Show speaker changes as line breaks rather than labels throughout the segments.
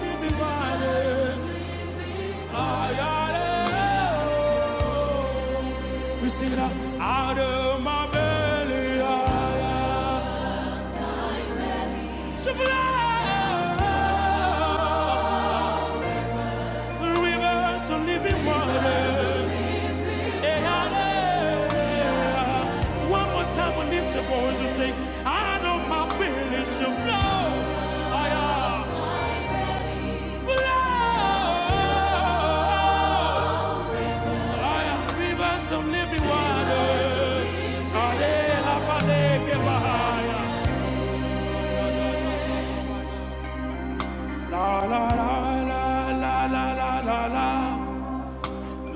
We sing it out. Out of my belly, I, I shall fly. The rivers of living water. Eh, ah, eh. One more time, we lift your voice and sing. Out of my belly shall flow, I, ah, flow I am rivers of living water. Ale, la, pale, que bahaya. La, la, la, la, la, la, la, la, la.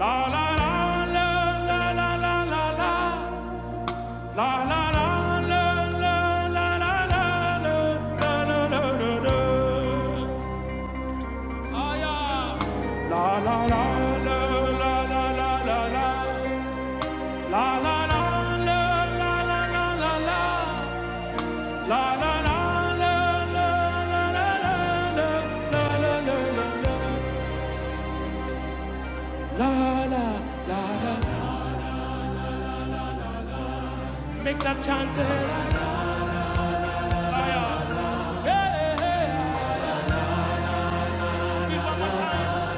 La, la, la, la, la, la, la, la, la. La, la, la, la, la, la, la, la, la, la, la, la, la, la. Aya. La, la, la, la, la, la, la, la, la. La, la, la, la, la, la, la, la, la. La la la la la la la la la la la la la la la Make that chant eh, Hey, hey, hey. Give one more time.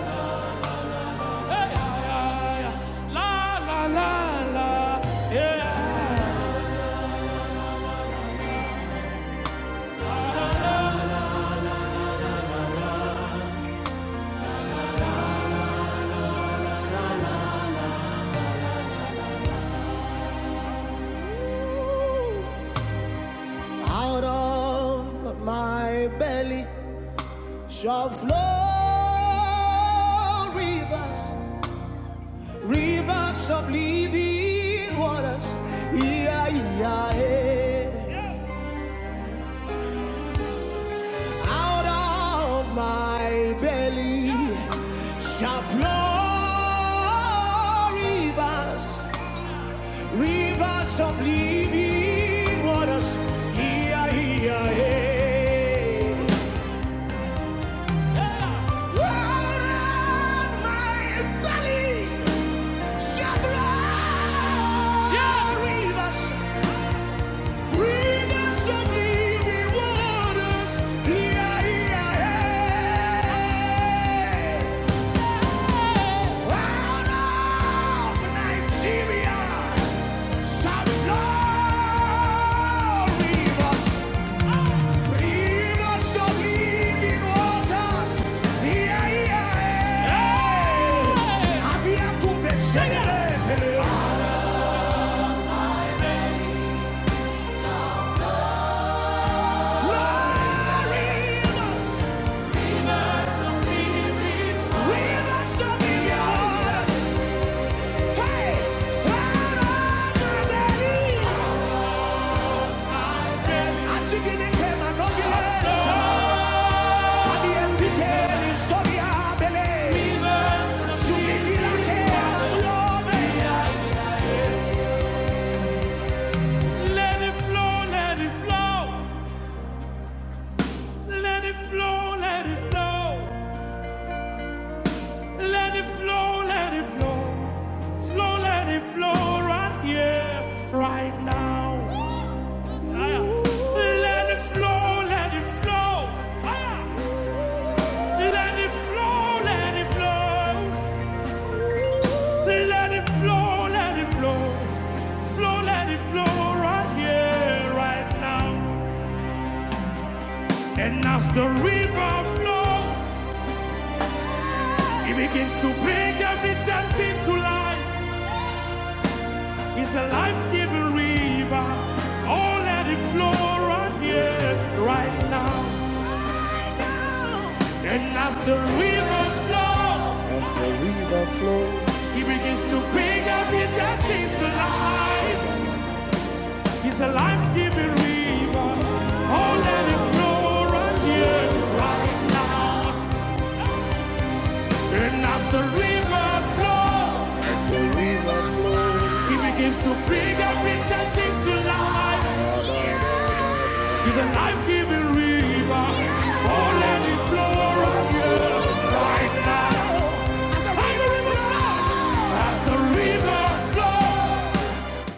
Hey, yeah, yeah, yeah. La la la la. Yeah. Out of my belly shall flow rivers Rivers of living waters, yeah, yeah, yeah. Out of my belly shall flow rivers, rivers of living waters, yeah, yeah, yeah. Out of my belly shall flow rivers. Glory, Rivers rivers of living waters. Let it flow, let it flow. Let it flow, let it flow. Let it flow, let it flow. Flow, let it flow right here, right now. Ah, yeah. Let it flow, let it flow. Ah, Let it flow, let it flow. Let it flow, let it flow. Flow, let it flow right here, right now. And as the river flows, it begins to bring every dead thing to life. It's a life-giving river. Oh, let it flow right here, right now. And as the river flows, As the river flows, he begins to pick up in that things alive. He's a life-giving river. Oh, let it flow right here, right now. And as the river flows, as the river flows, he begins to pick up in that things alive. He's a life-giving river, oh, let it flow right here, right now. As the river flows. As the river flows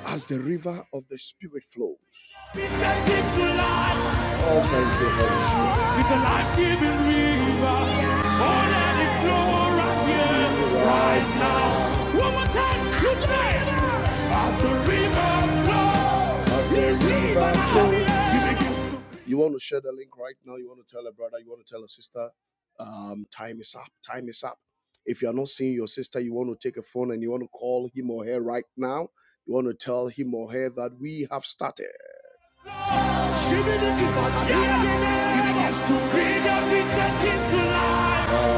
as the river of the Spirit flows. Oh, thank you, Holy Spirit. It's a life-giving river. Oh, let it flow right here, right now. One more time, you say it. As the river flows, As the river flows. You want to share the link right now. You want to tell a brother, you want to tell a sister. Um, time is up. Time is up. If you are not seeing your sister, you want to take a phone and you want to call him or her right now. You want to tell him or her that we have started. Yeah.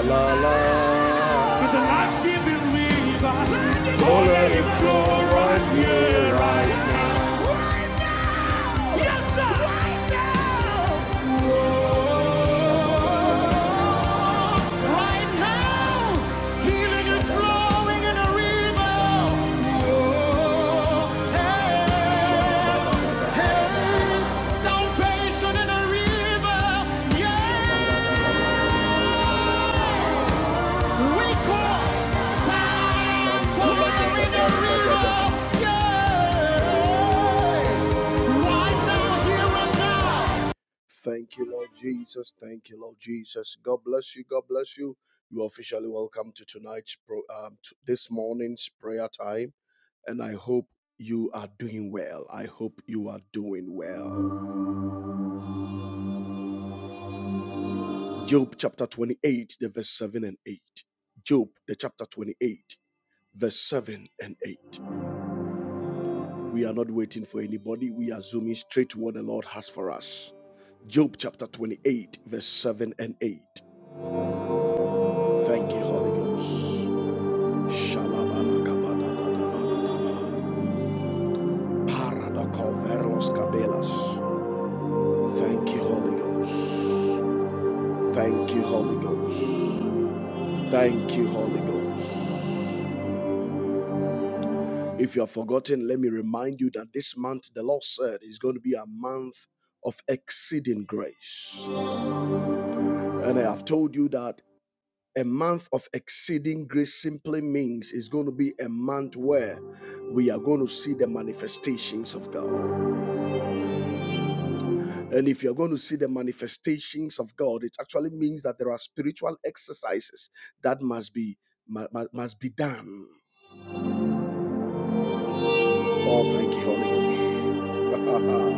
La, la, la. It's a life-giving river. Oh, let it flow right here, right now. Right now. Yes, sir. Right now. Right now. Healing is flowing in a river. Hey. Salvation in a river, yeah. We call fire, fire in a river, yeah. Right now, here and now. Thank you, Lord Jesus. Thank you, Lord Jesus. God bless you. God bless you. You are officially welcome to tonight's pro, um, to this morning's prayer time, and I hope you are doing well. I hope you are doing well. Job chapter 28, the verse 7 and 8. Job, the chapter 28, verse 7 and 8. We are not waiting for anybody. We are zooming straight to what the Lord has for us. Job chapter 28, verse 7 and 8. Thank you, Holy Ghost. Shalabalakabadadadabalaba. Paradokoveros kabelas. Thank you, Holy Ghost. Thank you, Holy Ghost. Thank you, Holy Ghost. If you have forgotten, let me remind you that this month, the Lord said, is going to be a month of exceeding grace. And I have told you that a month of exceeding grace simply means it's going to be a month where we are going to see the manifestations of God. And if you're going to see the manifestations of God, it actually means that there are spiritual exercises that must be mu- must be done. Oh, thank you, Holy Ghost.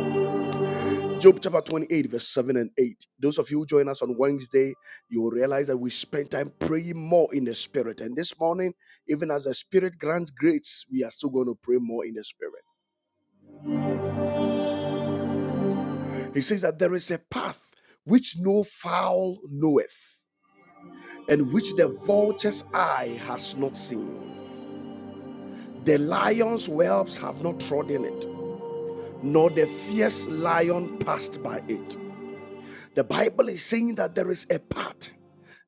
Job chapter 28, verse 7 and 8. Those of you who join us on Wednesday, you will realize that we spend time praying more in the spirit. And this morning, even as the spirit grants grace, we are still going to pray more in the spirit. He says that there is a path which no fowl knoweth, and which the vulture's eye has not seen. The lion's whelps have not trodden it, nor the fierce lion passed by it. The Bible is saying that there is a path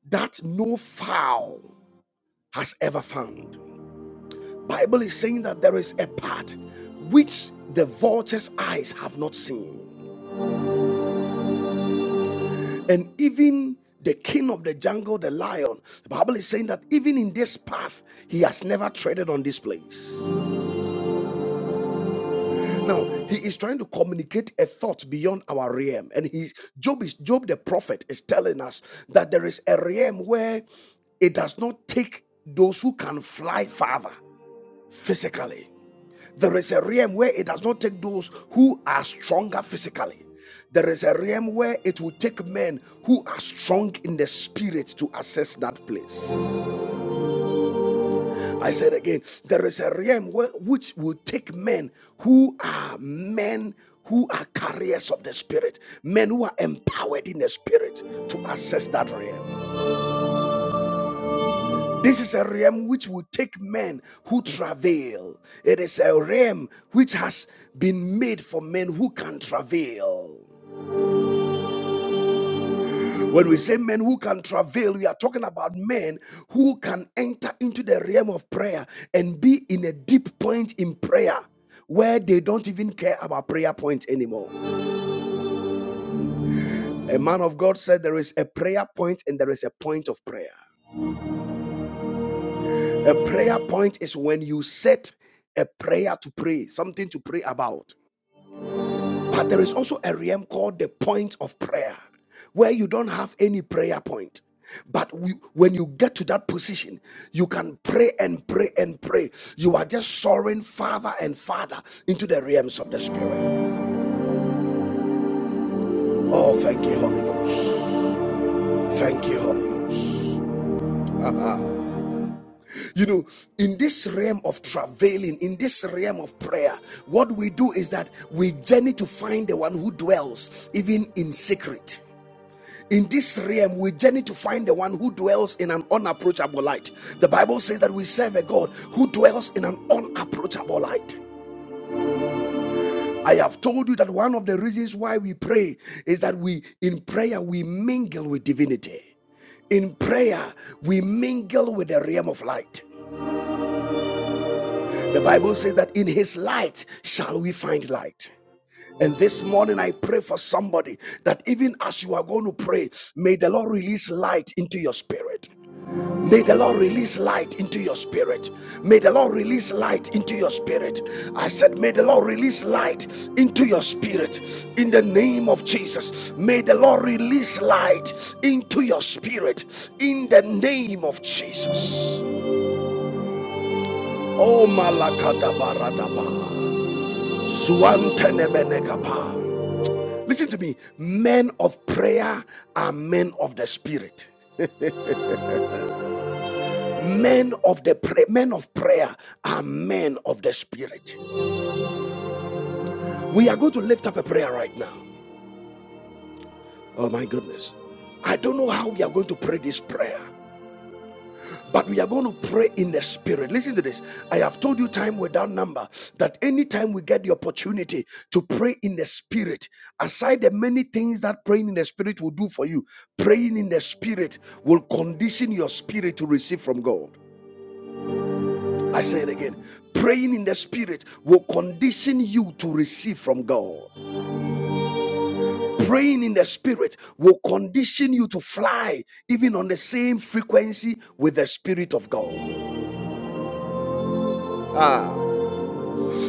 that no fowl has ever found. Bible is saying that there is a part which the vulture's eyes have not seen. And even the king of the jungle, the lion, the Bible is saying that even in this path, he has never treaded on this place. Now, he is trying to communicate a thought beyond our realm. And he's Job is Job the prophet is telling us that there is a realm where it does not take those who can fly farther physically. There is a realm where it does not take those who are stronger physically. There is a realm where it will take men who are strong in the spirit to access that place. I said again, there is a realm where, which will take men who are men who are carriers of the spirit, men who are empowered in the spirit to access that realm. This is a realm which will take men who travail. It is a realm which has been made for men who can travail. When we say men who can travail, we are talking about men who can enter into the realm of prayer and be in a deep point in prayer where they don't even care about prayer points anymore. A man of God said there is a prayer point and there is a point of prayer. A prayer point is when you set a prayer to pray, something to pray about. But there is also a realm called the point of prayer, where you don't have any prayer point. But we, when you get to that position, you can pray and pray and pray. You are just soaring farther and farther into the realms of the Spirit. Oh, thank you, Holy Ghost. Thank you, Holy Ghost. you know, in this realm of travailing, in this realm of prayer, what we do is that we journey to find the one who dwells even in secret. In this realm, we journey to find the one who dwells in an unapproachable light. The Bible says that we serve a God who dwells in an unapproachable light. I have told you that one of the reasons why we pray is that we, in prayer, we mingle with divinity. In prayer, we mingle with the realm of light. The Bible says that in his light shall we find light. And this morning, I pray for somebody that even as you are going to pray, may the Lord release light into your spirit. May the Lord release light into your spirit. May the Lord release light into your spirit. I said, May the Lord release light into your spirit in the name of Jesus. May the Lord release light into your spirit in the name of Jesus. Oh, Malakadabaradaba. Zuantenemenekapa. Listen to me. Men of prayer are men of the spirit men of the pra- men of prayer are men of the spirit We are going to lift up a prayer right now. Oh my goodness. I don't know how we are going to pray this prayer, but we are going to pray in the spirit. Listen to this. I have told you time without number that anytime we get the opportunity to pray in the spirit, aside the many things that praying in the spirit will do for you, praying in the spirit will condition your spirit to receive from God. I say it again. Praying in the spirit will condition you to receive from God. praying in the spirit will condition you to fly even on the same frequency with the spirit of god ah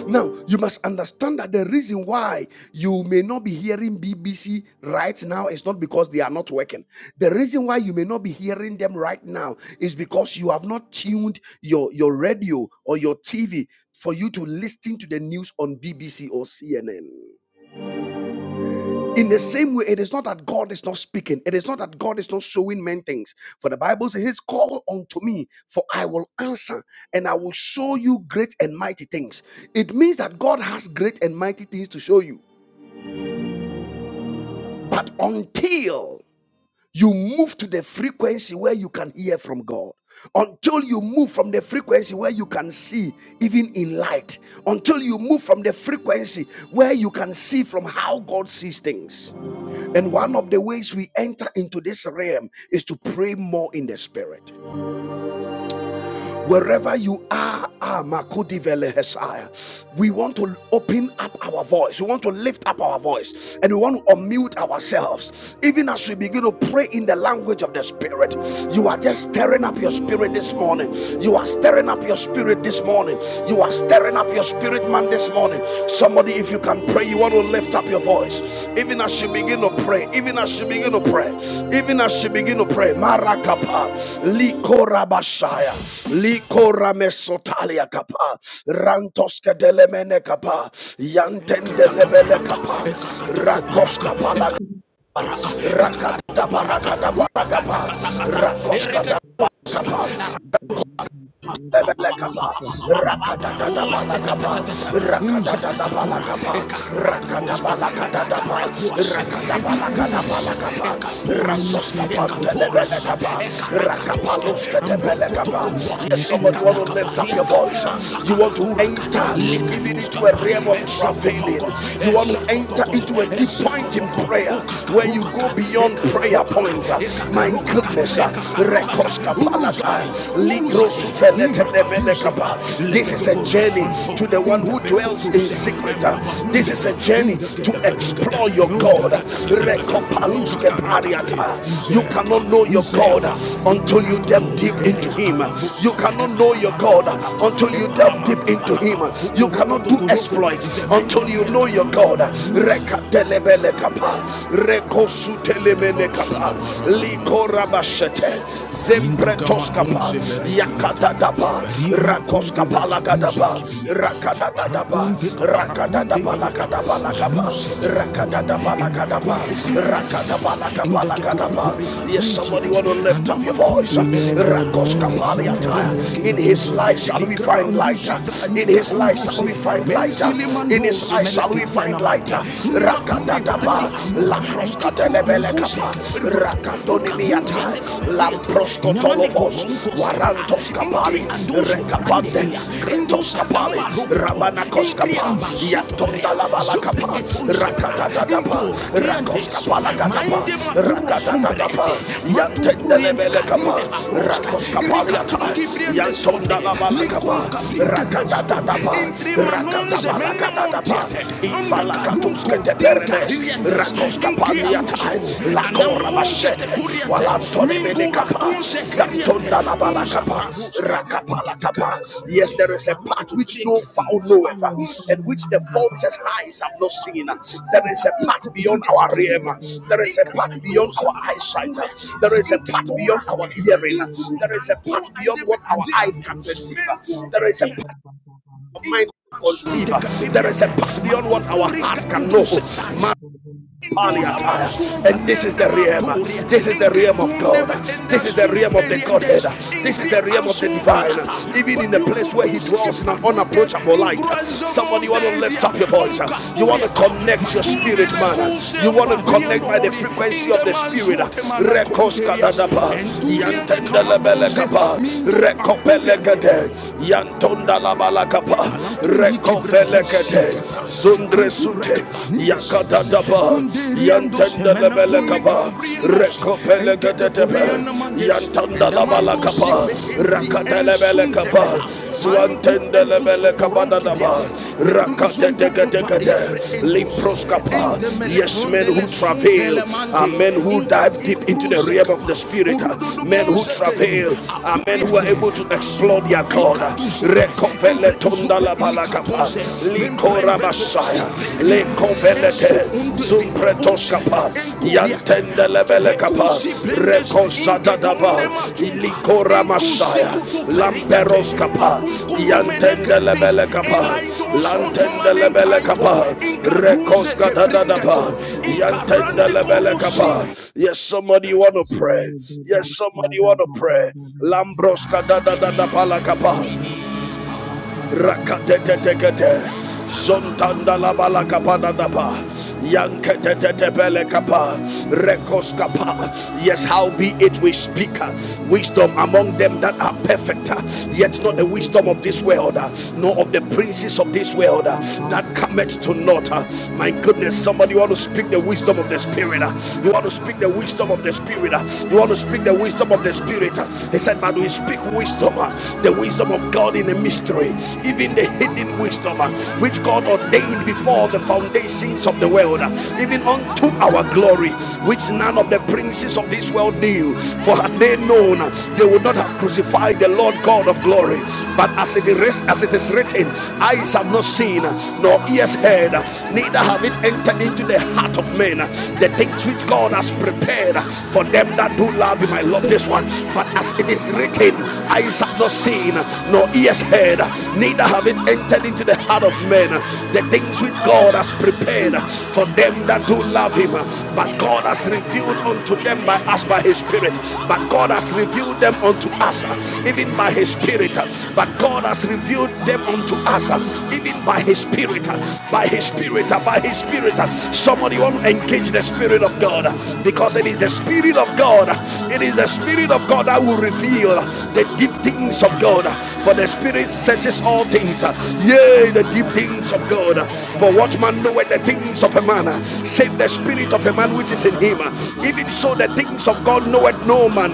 now you must understand that the reason why you may not be hearing bbc right now is not because they are not working the reason why you may not be hearing them right now is because you have not tuned your your radio or your tv for you to listen to the news on bbc or cnn In the same way, it is not that God is not speaking. It is not that God is not showing men things. For the Bible says, "His call unto me, for I will answer, and I will show you great and mighty things." It means that God has great and mighty things to show you. But until you move to the frequency where you can hear from God, until you move from the frequency where you can see even in light, until you move from the frequency where you can see from how God sees things, And one of the ways we enter into this realm is to pray more in the spirit. Wherever you are, ah, we want to open up our voice. We want to lift up our voice and we want to unmute ourselves. Even as we begin to pray in the language of the spirit, you are just stirring up your spirit this morning. You are stirring up your spirit this morning. You are stirring up your spirit man this morning Somebody, if you can pray, you want to lift up your voice. Even as you begin to pray, even as you begin to pray, even as you begin to pray. Marakapa, likora likoramesotalia kapa, rantoske delemene kapa, yantende lebele kapa, rakoska palaka, rakata barakata barakapa,
Thank
rakoska
you.
lebele kapa, rakata Yes, somebody want to lift up your voice. You want to enter even into a realm of travailing. You want to enter into a deep point in prayer where you go beyond prayer point. My goodness, Rekoska Palata, Ligro Sufelete Nebelekaba. this is a journey to the one who dwells in secret. This is a journey to explore your God. You cannot know your God until you delve deep into Him. You cannot know your God until you delve deep into Him. You cannot do exploits until you know your God. Rekatelebele Rakadadabalakadaba, rakadabalakabalakadaba. Yes, somebody want to lift up your voice. Rakos kapaliata. In his light shall we find light. In his light shall we find light. In his light shall we find light. Rakadadaba, lakros katelebelekapa, rakadonimiata, lamproskotolovos, warantos kapali, Andus Rekapande, Brandeya, Kretos Rendos Rabana Koskapa, Ingriamba Yatonda Sutoria, Labala kapal, Rakadadapa, Indo Rakos Grandes, Kapala Gadapa, Maindema Duro Rakadadapa, Sumbrete, Matu Rakos Kapaliata, Ricatuski Briandes Yantonda Sobre, Labala kapal, Kapa, Cabrindudes, Rakadadapa, Entre Manons Rakadabala Menemo Kadadapa, Diete, La Cora Machete,
Thank
Yes, there is a path which no foul knoweth, and which the vulture's eyes have not seen. There is a path beyond our realm, there is a path beyond our eyesight, there is a path beyond our hearing, there is a path beyond what our eyes can perceive, there is a path of mind conceive. There is a path beyond what our hearts can know. And this is the realm. This is the realm of God. This is the realm of the Godhead. This is
you.
the realm of the divine. Even in the place where He dwells in an unapproachable light. Somebody, you want to lift up your voice. You want to connect your spirit, man. You want to connect by the frequency of the spirit. Rekos resute yakadadaba yantendalebele kaba rekopelekedetebe yantandalabala kaba rakatelebele kaba swantendelebele kabadadaba rakateteketekete limpros kapa yes men who travail are men who dive deep into the realm of the spirit men who travail are men who are able to explore their God Rekopele tonda lebele Pretoskapa, Likorabashaya, Lekovelete,
Thank you.
Zumpretoskapa, Yantende Levelekapa, Rekozadadava, Likoramashaya, Lamperoskapa, Yantende Levelekapa, Lantende Levelekapa, Rekoskadadadava, Yantende Levelekapa. Yes, somebody want to pray. Yes, somebody want to pray. Lambroska da da da da palakapa. Rakatetetekete. Zontanda la balaka panadapa. Yanketetetepele kapa. Rekos kapa. Yes, how be it we speak uh, wisdom among them that are perfect, uh, yet not the wisdom of this world, uh, nor of the princes of this world uh, that cometh to naught. uh. My goodness, somebody want to speak the wisdom of the spirit. uh. You want to speak the wisdom of the spirit. uh. You want to speak the
Yeah,
wisdom of the
the
spirit. uh. He said, But we
website,
speak wisdom, uh, the wisdom wisdom of God in a mystery, even the hidden wisdom uh, which God ordained before the foundations of the world, uh, even unto our glory, which none of the princes of this world knew. For had they known, uh, they would not have crucified the Lord God of glory. But as it is, as it is written, eyes have not seen, uh, nor ears heard, uh, neither have it entered into the heart of men uh, the things which God has prepared uh, for them that do love Him. I love this one. But as it is written, written, eyes have not seen, nor ears heard, neither have it entered into the heart of men. The things which God has prepared for them that do love Him, but God has revealed unto them by us by His Spirit. But God has revealed them unto us, even by His Spirit. But God has revealed them unto us, even by His Spirit. By His Spirit, by His Spirit. Somebody want to engage the Spirit of God because it is the Spirit of God. It is the the Spirit of God that will reveal the deep things of God. For the Spirit searches all things, yea, the deep things of God. For what man knoweth the things of a man, save the Spirit of a man which is in him. Even so, the things of God knoweth no man,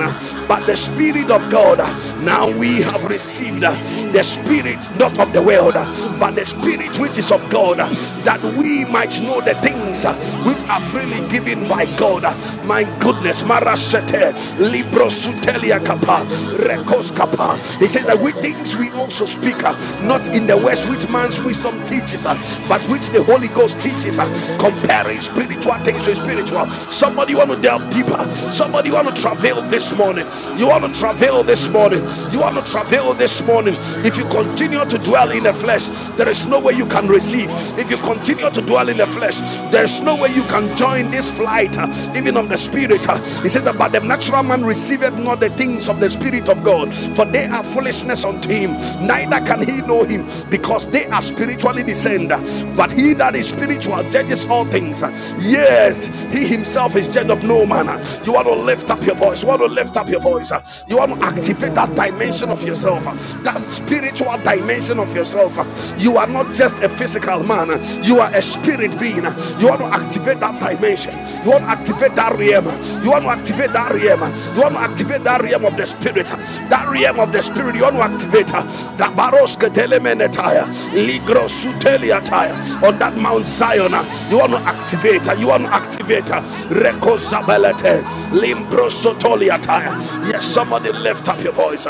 but the Spirit of God. Now we have received the Spirit not of the world, but the Spirit which is of God, that we might know the things which are
the
freely
website,
given by God.
the
My God goodness.
Yeah,
Marashete, libro sutelia Kappa, Rekos Kappa. He says that we things we also speak, uh, not in the words which man's wisdom teaches, uh, but which the Holy Ghost teaches, uh, comparing spiritual things with spiritual. Somebody want to delve deeper. Somebody want to travail this morning. You want to travail this morning. You want to travail this morning. If you continue to dwell in the flesh, there is no way you can receive. If you continue to dwell in the flesh, there is no way you can join this flight, uh, even of the spirit. uh, He said, that, But the natural man receiveth not the things of the spirit of God, for they are foolishness unto him, neither can he know him, because they are spiritually discerned. But he that is spiritual judges all things. Yes, he himself is judge of no man. You want to lift up your voice, you want to lift up your voice, you want to activate that dimension of yourself, that spiritual dimension of yourself. You are not just a physical man, you are a spirit being. You want to activate that dimension. You want to activate that realm. You want to activate that realm. You want to activate that realm of the spirit. That realm of the spirit. You want to activate that baros ketelemenetaya, ligro suteliataya on that Mount Zion. You want to activate. You want to activate. Reko zabalete, limbro sotoliataya.
Father,
Yes, somebody lift up your voice.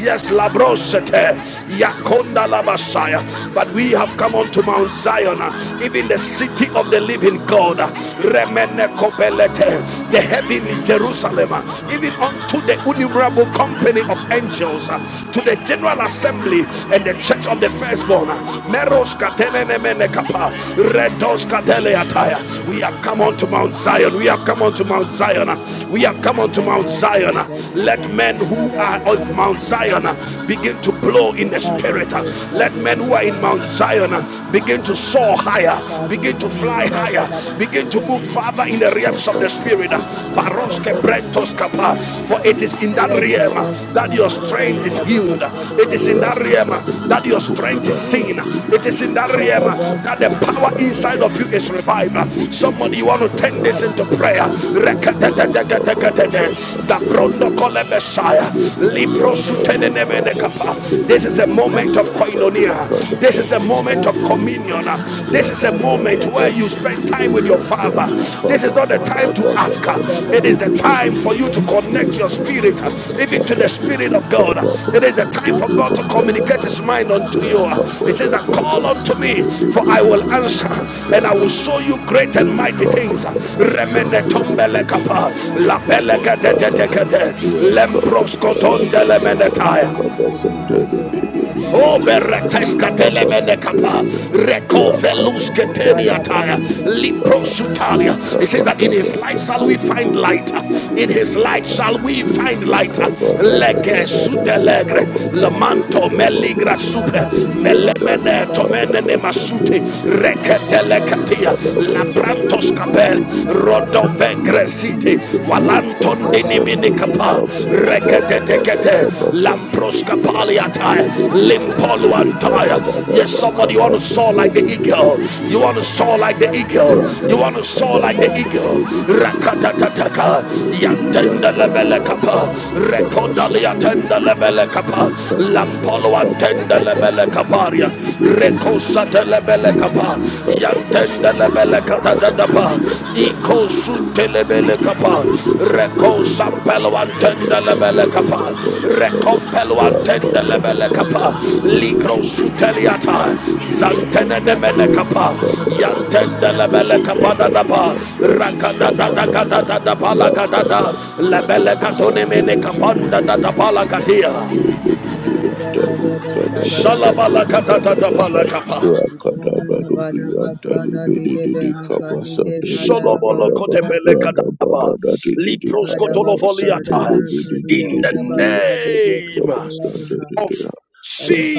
Yes, labrosete, yakonda labasaya. But we have come onto Mount Zion. Zion, even the city of the living God, the heavenly Jerusalem, even unto the innumerable company of angels, to the general assembly and the church of the firstborn, We have come unto Mount Zion, we have come unto Mount Zion, we have come unto Mount Zion. Let men who are of Mount Zion begin to blow in the spirit. Let men who are in Mount on Zion. Begin to soar higher. Begin to fly higher. Begin to move
Holy
farther in the realms of the spirit. Varoske brentos kapa. For it is in that
Yada
realm
basa
that
da
your
da da le
strength is
ba da
healed.
basa da da
It is
ba
in that realm that your strength is seen. It is in that
Yada
realm that the
basa da
power
da da
inside of
ba
you is revived. Somebody, you want to turn
Yap
this into
da da
prayer.
ba da da da da da ba Ikar da da da da da la da basa da ba
This is a moment moment of koinonia. This is a
Yada
moment of
and
basa
communion.
da
This
ba
is
da
a
da
Yakabada
moment
da ba.
where you spend
Yada
time with
da
Basandure
your
ba.
and
Father.
Tali
This is
Kaba
not the
Bada
time to
Baba
ask.
Yada ba
It
Sandere
is
la
the
da di
time for
da
you
da
to
da
connect
Bede
your
da da da ba. Yada da basa da da da da ba. Yada
Kada
spirit,
Bada
even to
Dada
the Spirit
Bede
of God.
Kada
It is the time for
Basandere
God to
Babada
communicate His
Baba
mind unto you. He says
Rakabada
that
Baba
call unto me,
Sandere
da
for I
da
Bede
will
da
Bede
da
answer,
ba.
and
and I will
Tali
show you great and mighty
Rakababa
things.
Ipada
Remene
balada di
O berateska telemene kapa recovelus ketenia taya
bebe
liprosutalia. It says that in his light shall we find light. In his light shall we
Sunday,
find light. Lege sudelegre lamanto meligra super melemene tomene nemasute reketele katia labrantos kapel
sada kada
rodove walan. Antondi
Ipada bada da da
Niminikapa
da bosta da shada ba
Reketetekete
sada ba.
lamproska
Ipada
paliata
la ba di
limpolu
ke de shaka da
Limpoluantaya.
ba la
Yes,
siya
somebody you
sada
want to
ba da
soar
da
like the
ba.
eagle. You want to soar
Ipada
like
ba
the
la da
eagle.
di ke
You
de
want to soar
shaka
Rakabada
like
da
the
la bada da
eagle.
ba da ba.
Rakatataka
Yache da da da da
Yantenda
da da da
Lebele
ba
Kappa
sada da da da da
Rekodaliatenda Lebele Kappa
Ya da
Lampoluantenda
bosta da.
Lebele Kaparia Rekosata
Ya da ba da Ya da
Lebele
ba da
kapa
da ba.
Basandere
yantendelebele
da da
katadadapa
da da da.
ikosuntelebele kapa
da da da da da da.
rekosampeluantendelebele kapa
da da
rekompeluantendelebele
da da
kapa
da da.
Ligro
da da.
suteliata zantene
By the
zantenenemene
Edi
power
kapa
kabada basande
yantendelebele
de
kapa
bada de
dadapa
yandali kabada da
rakadadadadadadapa
rakaba
lagadada
raba
lebele
basande
katonemene
de de de
kapanda
de de de
dadapa
de ha
lakatia
de de de de yandali kada basande de bada da
shalabalakadadadapa
ha
lakapa
rakada bado de yandali be de de de kabasande de baba
Sholobolo
da ba
kotepele
rada bada
kadaba.
da de de de
Lipros
kada basande de
kotolovoliata.
be de de
In
de
the
de de yandali
name
kabasande de
of
de ha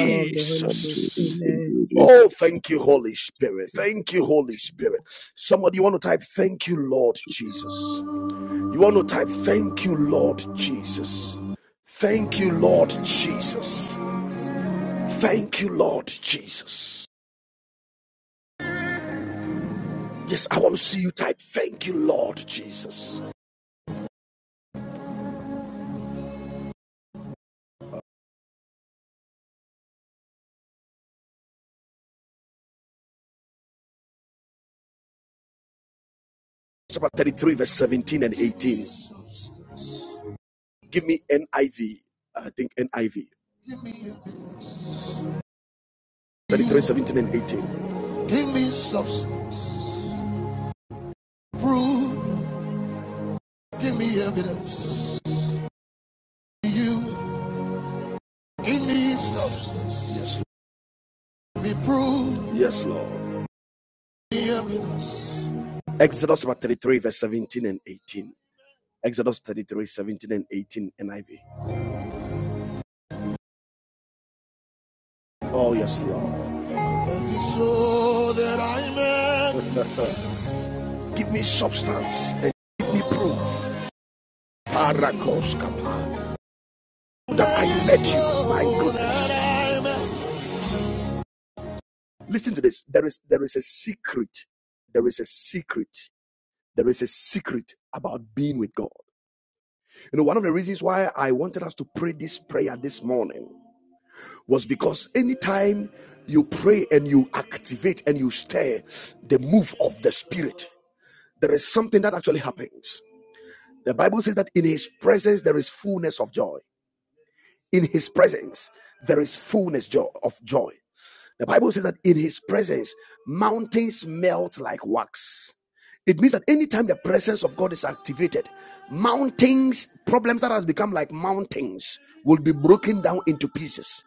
rada
of
de
the Holy Ghost,
yandali be de
amen.
de de de
Oh, thank you, Holy Spirit. Thank you, Holy Spirit. Somebody, you want to type, Thank you, Lord Jesus.
Jesus.
You want to type, Thank you, Lord Jesus. Thank you, Lord Jesus. Thank you, Lord Jesus. Yes, I want to see you type, Thank you, Lord Jesus. chapter 33, verse 17 and 18. Give me NIV. I V. I think NIV. 33, 17 and 18. Give me substance. Prove. Give me evidence. You. Give me substance. Yes, Lord. Give me proof. Yes, Lord. Give me evidence. Exodus chapter 33, verse 17 and 18. Exodus 33, 17 and 18 NIV. Oh, yes, Lord. so that I may Give me substance and give me proof. Parakos kapa. That I met you, my goodness. Listen to this. There is there is a secret. There is a secret. There is a secret about being with God. You know, one of the reasons why I wanted us to pray this prayer this morning was because anytime you pray and you activate and you stir the move of the spirit, there is something that actually happens. The Bible says that in his presence there is fullness of joy. In his presence, there is fullness of joy. The Bible says that in his presence, mountains melt like wax. It means that anytime the presence of God is activated, mountains, problems that has become like mountains will be broken down into pieces.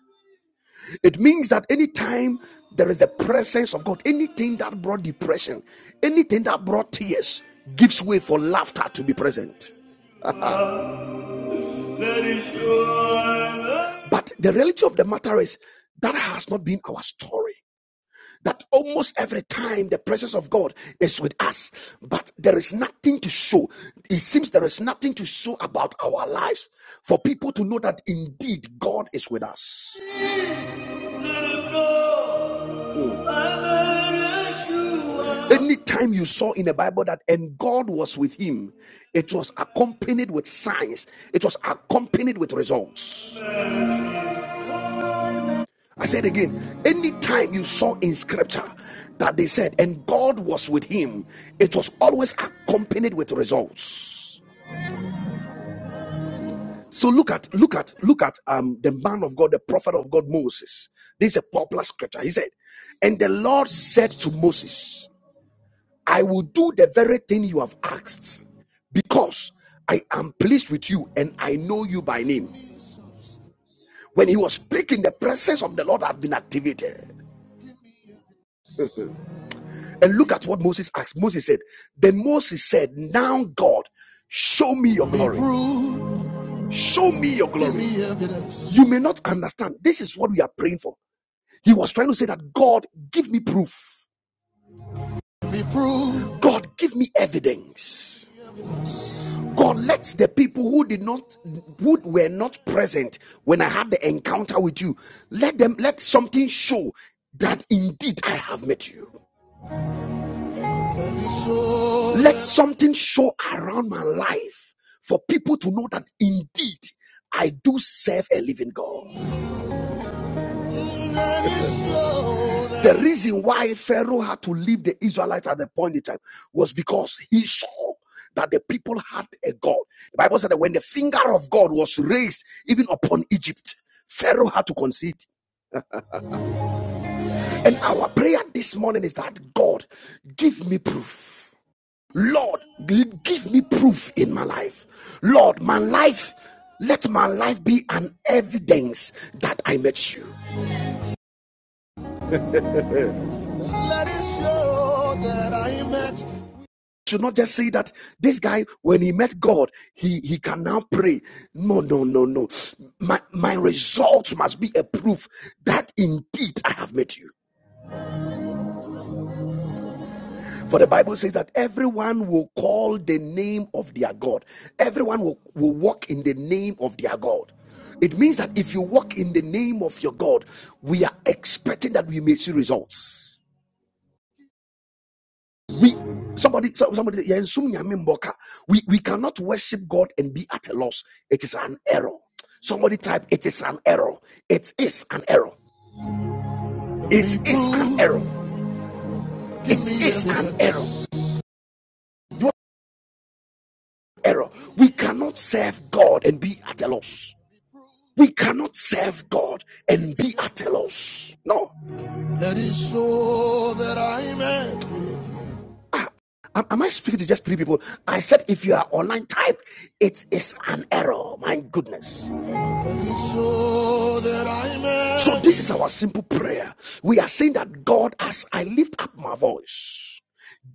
It means that anytime there is the presence of God, anything that brought depression, anything that brought tears, gives way for laughter to be present. But the reality of the matter is that has not been our story. That almost every time the presence of God is with us, but there is nothing to show. It seems there is nothing to show about our lives for people to know that indeed God is with us. Anytime you saw in the Bible that and God was with him, it was accompanied with signs, it was accompanied with results. I said again, anytime you saw in scripture that they said, and God was with him, it was always accompanied with results. So look at look at look at um the man of God, the prophet of God Moses. This is a popular scripture. He said, and the Lord said to Moses, I will do the very thing you have asked, because I am pleased with you and I know you by name. When he was speaking, the presence of the Lord had been activated. And look at what Moses asked. Moses said, Then Moses said, Now God, show me your glory. Show me your glory. You may not understand. This is what we are praying for. He was trying to say that God, give me proof. God, give me evidence. God, let the people who did not, who were not present when I had the encounter with you, let them, let something show that indeed I have met you. Let something show around my life for people to know that indeed I do serve a living God. The reason why Pharaoh had to leave the Israelites at the point in time was because he saw that the people had a God. The Bible said that when the finger of God was raised even upon Egypt, Pharaoh had to concede. And our prayer this morning is that God, give me proof. Lord, give me proof in my life. Lord, my life, let my life be an evidence that I met you. Let it show that I met. you. Should not just say that this guy, when he met God, he, he can now pray. No, no, no, no. My my results must be a proof that indeed I have met you. For the Bible says that everyone will call the name of their God. Everyone will, will walk in the name of their God. It means that if you walk in the name of your God, we are expecting that we may see results. We somebody so- somebody say, "Yeah, nsum nyame we we cannot worship God and be at a loss. It is an error. Somebody type it is an error. It is an error. It is an error. It is an error. You error. We cannot serve God and be at a loss. We cannot serve God and be at a loss. No. Let it that I may. Am, am I speaking to just three people? I said if you are online type, it is an error. My goodness. Let it that I may. So this is our simple prayer. We are saying that God, as I lift up my voice,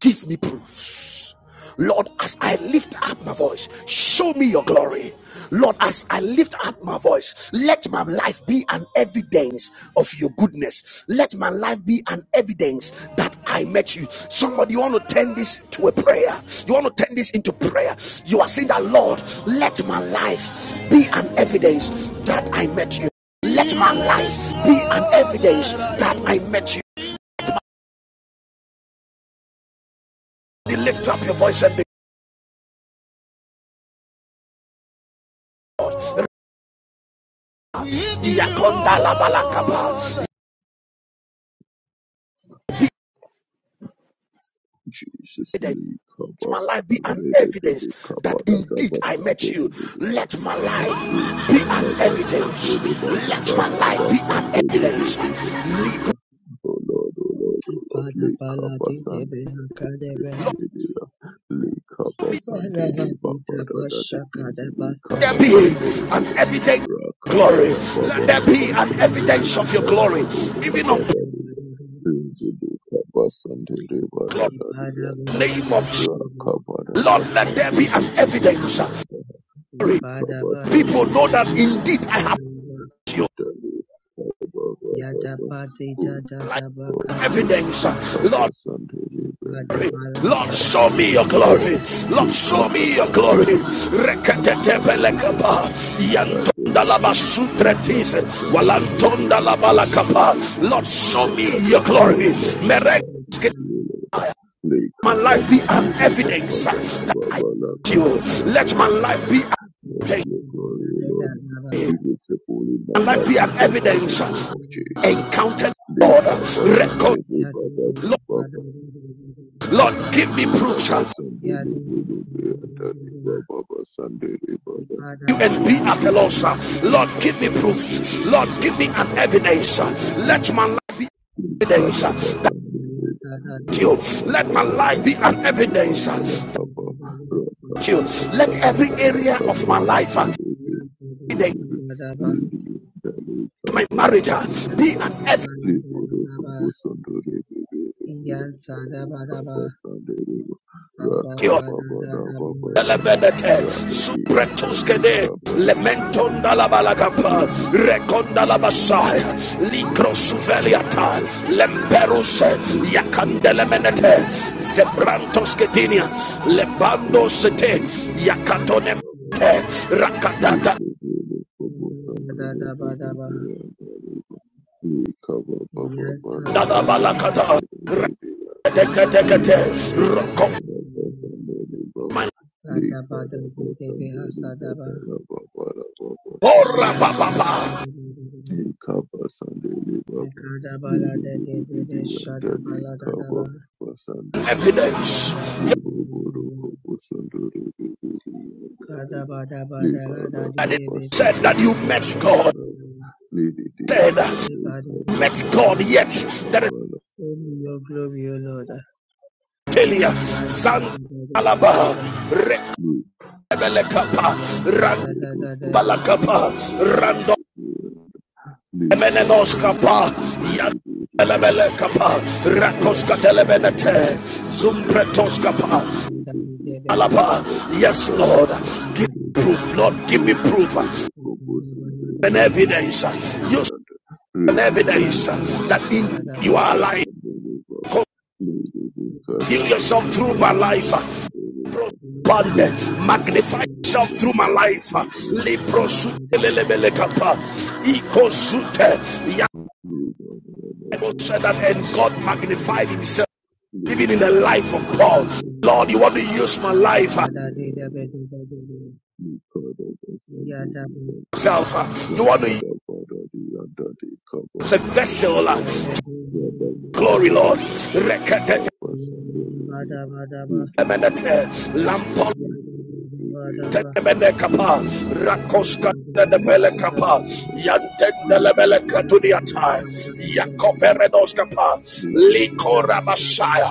Give me proofs. Lord, as I lift up my voice, show me your glory. Lord, as I lift up my voice, let my life be an evidence of your goodness. Let my life be an evidence that I met you. Somebody, you want to turn this to a prayer. You want to turn this into prayer. You are saying that, Lord, let my life be an evidence that I met you. Let my life be an evidence that I met you. Lift up your voice and
Jesus
Let
Lee Kaba
my life be
Sante
an
de de de
evidence
Kaba
that
da da
indeed
ba
I
Sante
met
de
you.
de de
Let my
Lee
life be an
Kada
evidence.
de
Let my life be an evidence.
Oh Lord, oh Lord, oh Lord,
Ipada
Lee
balati debe akadebeha.
India, Likaba
Ipada
Sandere
lati
Baba Dadadi
trabasha
Indi
kadabasa
Likaba
da da
Be
da ba.
Sandere
an evidence.
Rakaba da
Let
Baba
there be
Laba
an
Ipada
Sandere
evidence
balada di
of your
Anda
glory.
debe
Even
Likaba
of
sada
Dadi
da da da.
Indi Likaba Sandere Bada Dadi
Ipada
Anda
balada
King of
di debe
Rakaba da
sakada
let there be
balada
an
Basandere
da
Bidi
da.
evidence. To
Anda
Ipada
Likaba
baladi
know
Sandere
that
debe
Bidi
indeed I
sakada da.
Dadi Baba
Yada
Baba
pati da da da ba
am
kada
Baba
ba.
evidence. Lord,
Likaba
Ipada
Sandere
balada
Lord,
I
da da
show
di
pray
me
to
your
debe
you, Lord.
glory.
sada da. da.
Lord,
Please
show
help us
me your
and that
glory.
we be I need an
Ipada balada
evidence
Reketetepelekapa.
da
in your
da
life, O
Yantonda
Lord.
laba
Please help
sutretise.
us
di
and that
debe
we be be-
Walantonda
be-
sakada
laba
da.
be- be-
da.
lakapa.
be- be-
Lord, show
Let
me your
others
Yada
grow,
glory.
Lord, that
May
I have met you, Lord. Please
my
help
life
us
be
and
an
that we be- be- be-
evidence
be- be-
that I
be- like
need
help
you.
us and
Let
that we
my
be,
life be
uh,
an
Let
evidence.
your glory, Lord, be visible in my
My life
life
be an
in the mighty name
evidence.
of Jesus.
Encountered
Please help
God.
us and
Record.
that we be- be- be-
Lord,
be-
Lord, give me proofs.
Baba Sunday, Baba Sunday, Baba Sunday, Baba.
you and be at a
Didi
loss. uh.
Didi
Lord, give me
Kapa Sunday,
proof. Lord,
Baba
give me
La
an
Kapa
evidence. uh.
Sunday, Didi.
Let my life be evidence uh, that you. Let my life be an evidence uh, that you. Let every area of my life, uh, my marriage, uh,
Iyan
be an
sada
evidence.
ba da da da da ba. Iyan sada ba da ba. Sada ba da
Rakababa,
da da ba da ba.
Lebedete,
Radadi and
Thank you,
Dali
Supretuskede,
Lord
Kaba
Jesus, for the
Lementonda la
Sandini
discipline.
balagapa, Reconda la basaya,
Thank you for the mercy.
Licrosuveliata, Lemperus,
Thank you
Yakandele
for the
menete,
love.
Zebrantosketinia, Lebando sete,
Thank you
Yakatone,
for the discipline.
Rakatanda
Da da da ba da ba. Iyan sada
la
ba da ba.
balakata,
Sunday,
Da ba da da da da da
Decatecate, Rokoman,
da da. Sada ba da da da da. Sada ba.
Ora
Iyan sada
papa,
ba da da da da.
Ikaba sandeli baba.
Kadabala
Libo
de
bodo
de de be
bidi andali
shadabala da da
kaba
ba
basandeli baba.
evidence
yadaba de
Libo
de
bodo
de de
kobo sandoro bidi bidi
kadaba da ba da
Liba
la
la
da di
that it
de
kaba
be
said
sadu
that
sandeli
you
ba
met
baba
sadu
God,
de de
baraba. Lidi di
said,
de de
andali
ba de
kaba
de
met
de ba
God,
sandeli
yet
baba
the
bara.
show your glory o Lord
Elia
yanta de de de
Zantalaba
de ba
Libo
Rekabelekapa
yanta da da
bodo
da da
kobo
ba
Ranbalakapa
sandoro
Rando
bidi
Menenoskapa Yanelebelekapa
yadaba
Rakoska
shadaba da ba
Televenete Zumpretoskapa
yakadaba da di de be
Alaba Yes Lord Give me proof Lord give me proof
ikadaba da
and
da da da
evidence
sadaba
use an evidence
ikanta da ba
that in
shadaba
you are alive.
Yeah,
Feel yourself through my life. abundance. Magnify yourself through my life.
Cover
Leprosukelelebelekapa. Ikozute. Bible said that, and God magnified himself even in the life of Paul. Lord, you want to use my life uh, uh, You want to use a vessel. uh, Glory, Lord. Rekete- Tenemene kapa, rakoska nebele
Sunday,
kapa, yantendelebele katuniata, yakoperenos kapa,
Sunday,
likora basaya,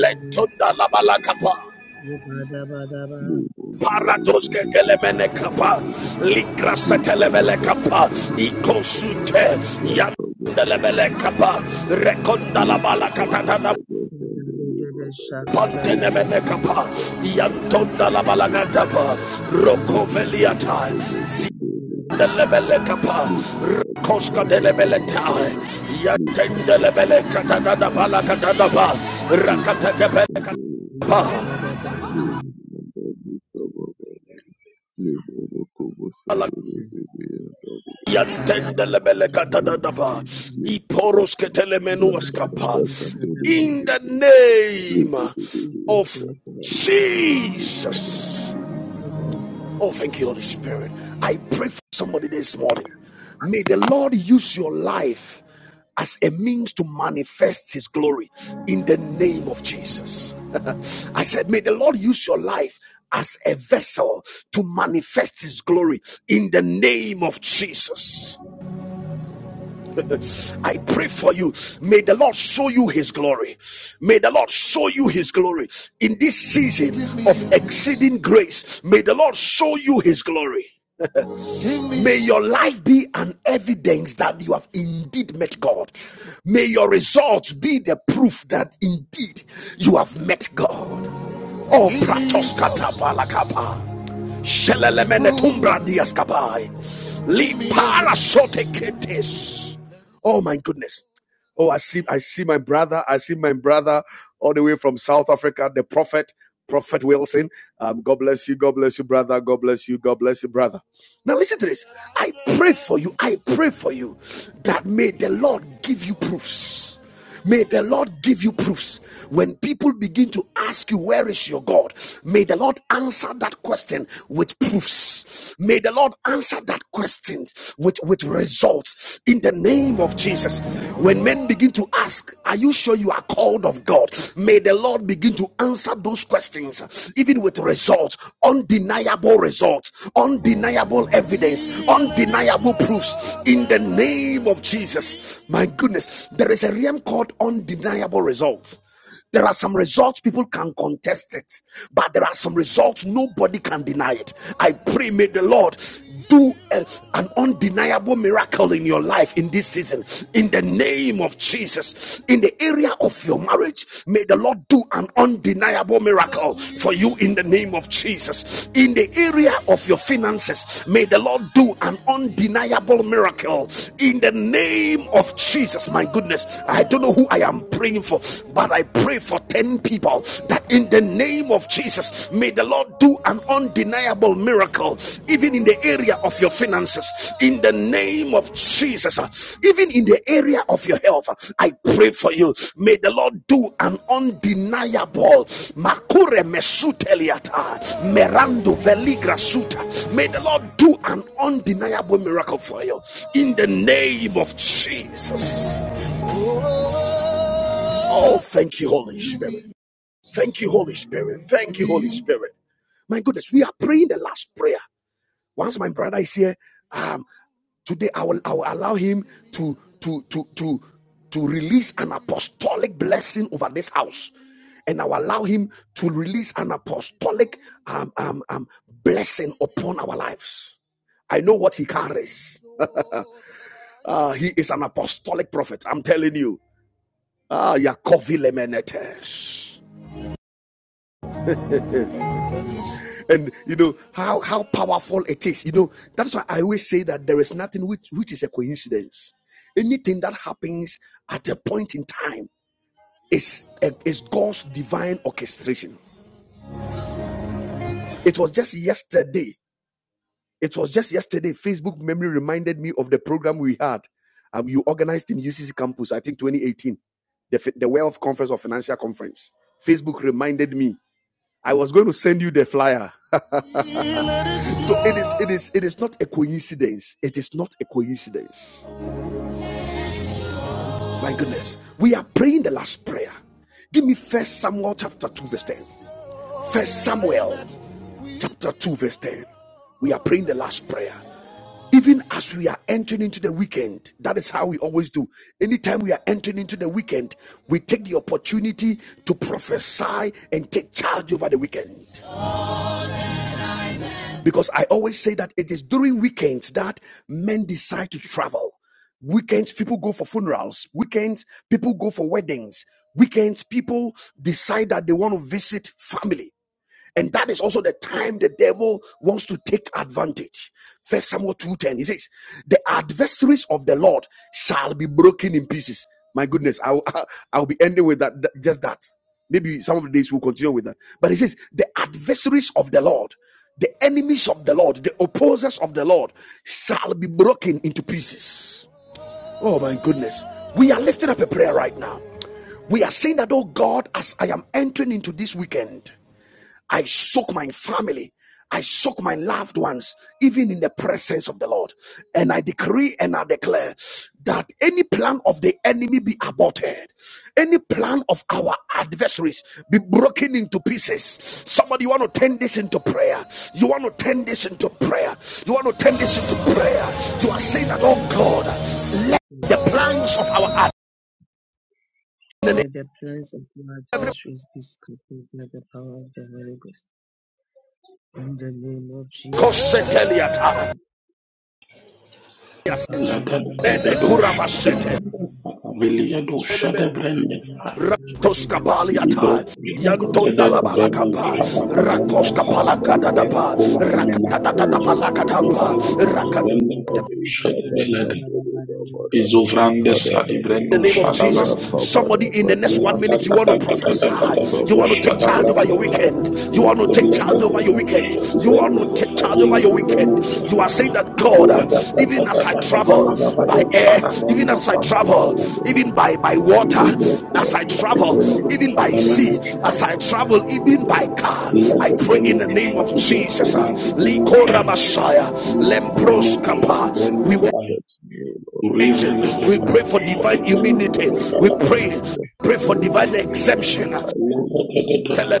letunda labala kapa. Paradoske telemene
Ikada
kapa, likrasa telemele kapa, ikosute, yandelebele kapa, rekonda labala katatana. Pantenemenekapa, Yantonda Labalagandapa, Rokoveliata, Delebelekapa, Rakoska delebeletai, Yantendelebele katadadaba la katadaba, Rakatekepe yantendelebele katadadaba,
Jesus, leave Papa
Iporos
Sunday, Lord,
ketelemenuaskapa.
Papa Sunday, leave, leave, leave, leave,
In the
leave, leave,
name
leave,
Jesus,
of
we are today.
leave, and, uh, leave, um, leave Papa Sunday,
Jesus.
Amen.
Oh, thank you, Holy Spirit. I pray for somebody this morning. May the Lord use your life as a means to manifest his glory in the name of Jesus. May the Lord use your life as a vessel to manifest his glory in the name of Jesus. I pray for you. May the Lord show you his glory. May the Lord show you his glory in this season of exceeding grace. May the Lord show you his glory. May your life be an evidence that you have indeed met God. May your results be the proof that indeed you have met God. Oh, Pratos Katabalakapa. Shelelemene tumbra diaskapai. Liparasote ketes. Oh my goodness. Oh, I see, I see my brother. I see my brother all the way from South Africa, the prophet, Prophet Wilson. Um, God bless you. God bless you, brother. God bless you. God bless you, brother. Now, listen to this. I pray for you. I pray for you that may the Lord give you proofs. May the Lord give you proofs. When people begin to ask you, Where is your God? May the Lord answer that question with proofs. May the Lord answer that question with, with results in the name of Jesus. When men begin to ask, Are you sure you are called of God? May the Lord begin to answer those questions, even with results, undeniable results, undeniable evidence, undeniable proofs in the name of Jesus. My goodness, there is a realm called undeniable results. There are some results people can contest it, but there are some results nobody can deny it. I pray, may the Lord do a- an undeniable miracle in your life in this season in the name of Jesus in the area of your marriage may the Lord do an undeniable miracle for you in the name of Jesus in the area of your finances may the Lord do an undeniable miracle in the name of Jesus my goodness I don't know who I am praying for but I pray for 10 people that in the the name of Jesus. May the Lord do an undeniable miracle, even in the area of your finances, in the name of Jesus, uh, even in the area of your health. uh, I pray for you. May the Lord do an undeniable makure mesuteliata merando veligra suta. May the Lord do an undeniable miracle for you in the name of Jesus. Oh, thank you, Holy Spirit. Thank you, Holy Spirit. Thank you, Holy Spirit. My goodness, we are praying the last prayer. Once my brother is here, um, today I will I will allow him to to to to to release an apostolic blessing over this house, and I will allow him to release an apostolic um, um, um, blessing upon our lives. I know what he carries. Ah, he is an apostolic prophet. I'm telling you. Ah, Yakovi Lemenetes. and you know how how powerful it is you know that's why i always say that there is nothing which which is a coincidence anything that happens at a point in time is eh, is god's divine orchestration it was just yesterday it was just yesterday facebook memory reminded me of the program we had um, you organized in ucc campus i think 2018 the, the wealth conference or financial conference facebook reminded me i was going to send you the flyer so it is it is it is not a coincidence it is not a coincidence My goodness, we are praying the last prayer. Give me First Samuel chapter two verse ten. First Samuel chapter two verse ten. We are praying the last prayer. Even as we are entering into the weekend, that is how we always do. Anytime we are entering into the weekend, we take the opportunity to prophesy and take charge over the weekend. Because I always say that it is during weekends that men decide to travel. Weekends, people go for funerals. Weekends, people go for weddings. Weekends, people decide that they want to visit family. And that is also the time the devil wants to take advantage. First Samuel 2:10. He says, The adversaries of the Lord shall be broken in pieces. My goodness, I'll I'll be ending with that that- just that. Maybe some of the days we'll continue with that. But he says, The adversaries of the Lord, the enemies of the Lord, the opposers of the Lord shall be broken into pieces. Oh my goodness. We are lifting up a prayer right now. We are saying that, oh God, as I am entering into this weekend, I soak my family. I soak my loved ones, even in the presence of the Lord. And I decree and I declare that any plan of the enemy be aborted, any plan of our adversaries be broken into pieces. Somebody, you want to turn this into prayer. You want to turn this into prayer. You want to turn this into prayer. You are
Let
saying that, oh God, the plans of our
the plans of your adversaries be scattered by the power of the Holy Ghost. In the name of Jesus Christ of
Lagadosh, Vilia Shada Brandesa,
adversaries.
Libre
Lord,
Shada
Yantonda
Papa
la
Sunday,
Vremo
leave,
balakapa,
leave,
Shabaka
leave,
Rakoska
leave,
Brandasa,
Papa, da
Libre
da
palakadadapa,
da
Cola Gumena,
Oh Lord,
Rakatadadapa
Dubala Brenda Shada Belade, Isovrande Sadi
Nazareth.
In
Breno
the name of
Shada
Jesus.
Balada,
Somebody in the next one minute, you want to prophesy. You
Latatatatatatatato
want to take
Shada
By
charge over
the
your
Brandesa,
weekend. You want to take
Lada
charge over your
Breno
weekend.
Shada
You want to take
Brandesa,
charge over
Vili
your weekend.
Brenosa,
You are saying that God, even as I
Latatatatatatavana
travel by air,
Shada
even as I travel,
Brandasa,
even by, by
Let
water, as I travel, even by sea, as I travel, even by
I
car,
pray in
I
the
pray
mighty
in the
name of
name of
Jesus,
Jesus. uh,
O Lord.
Likorabashaya,
Lord, as you lead me, O Lord,
Lemproskapa. We
protect me, O Lord, in the
we pray
mighty
for
name of
divine
Jesus, and the
immunity.
wicked
We pray,
things, uh,
pray for divine
oh, in my
exemption.
life, O Lord,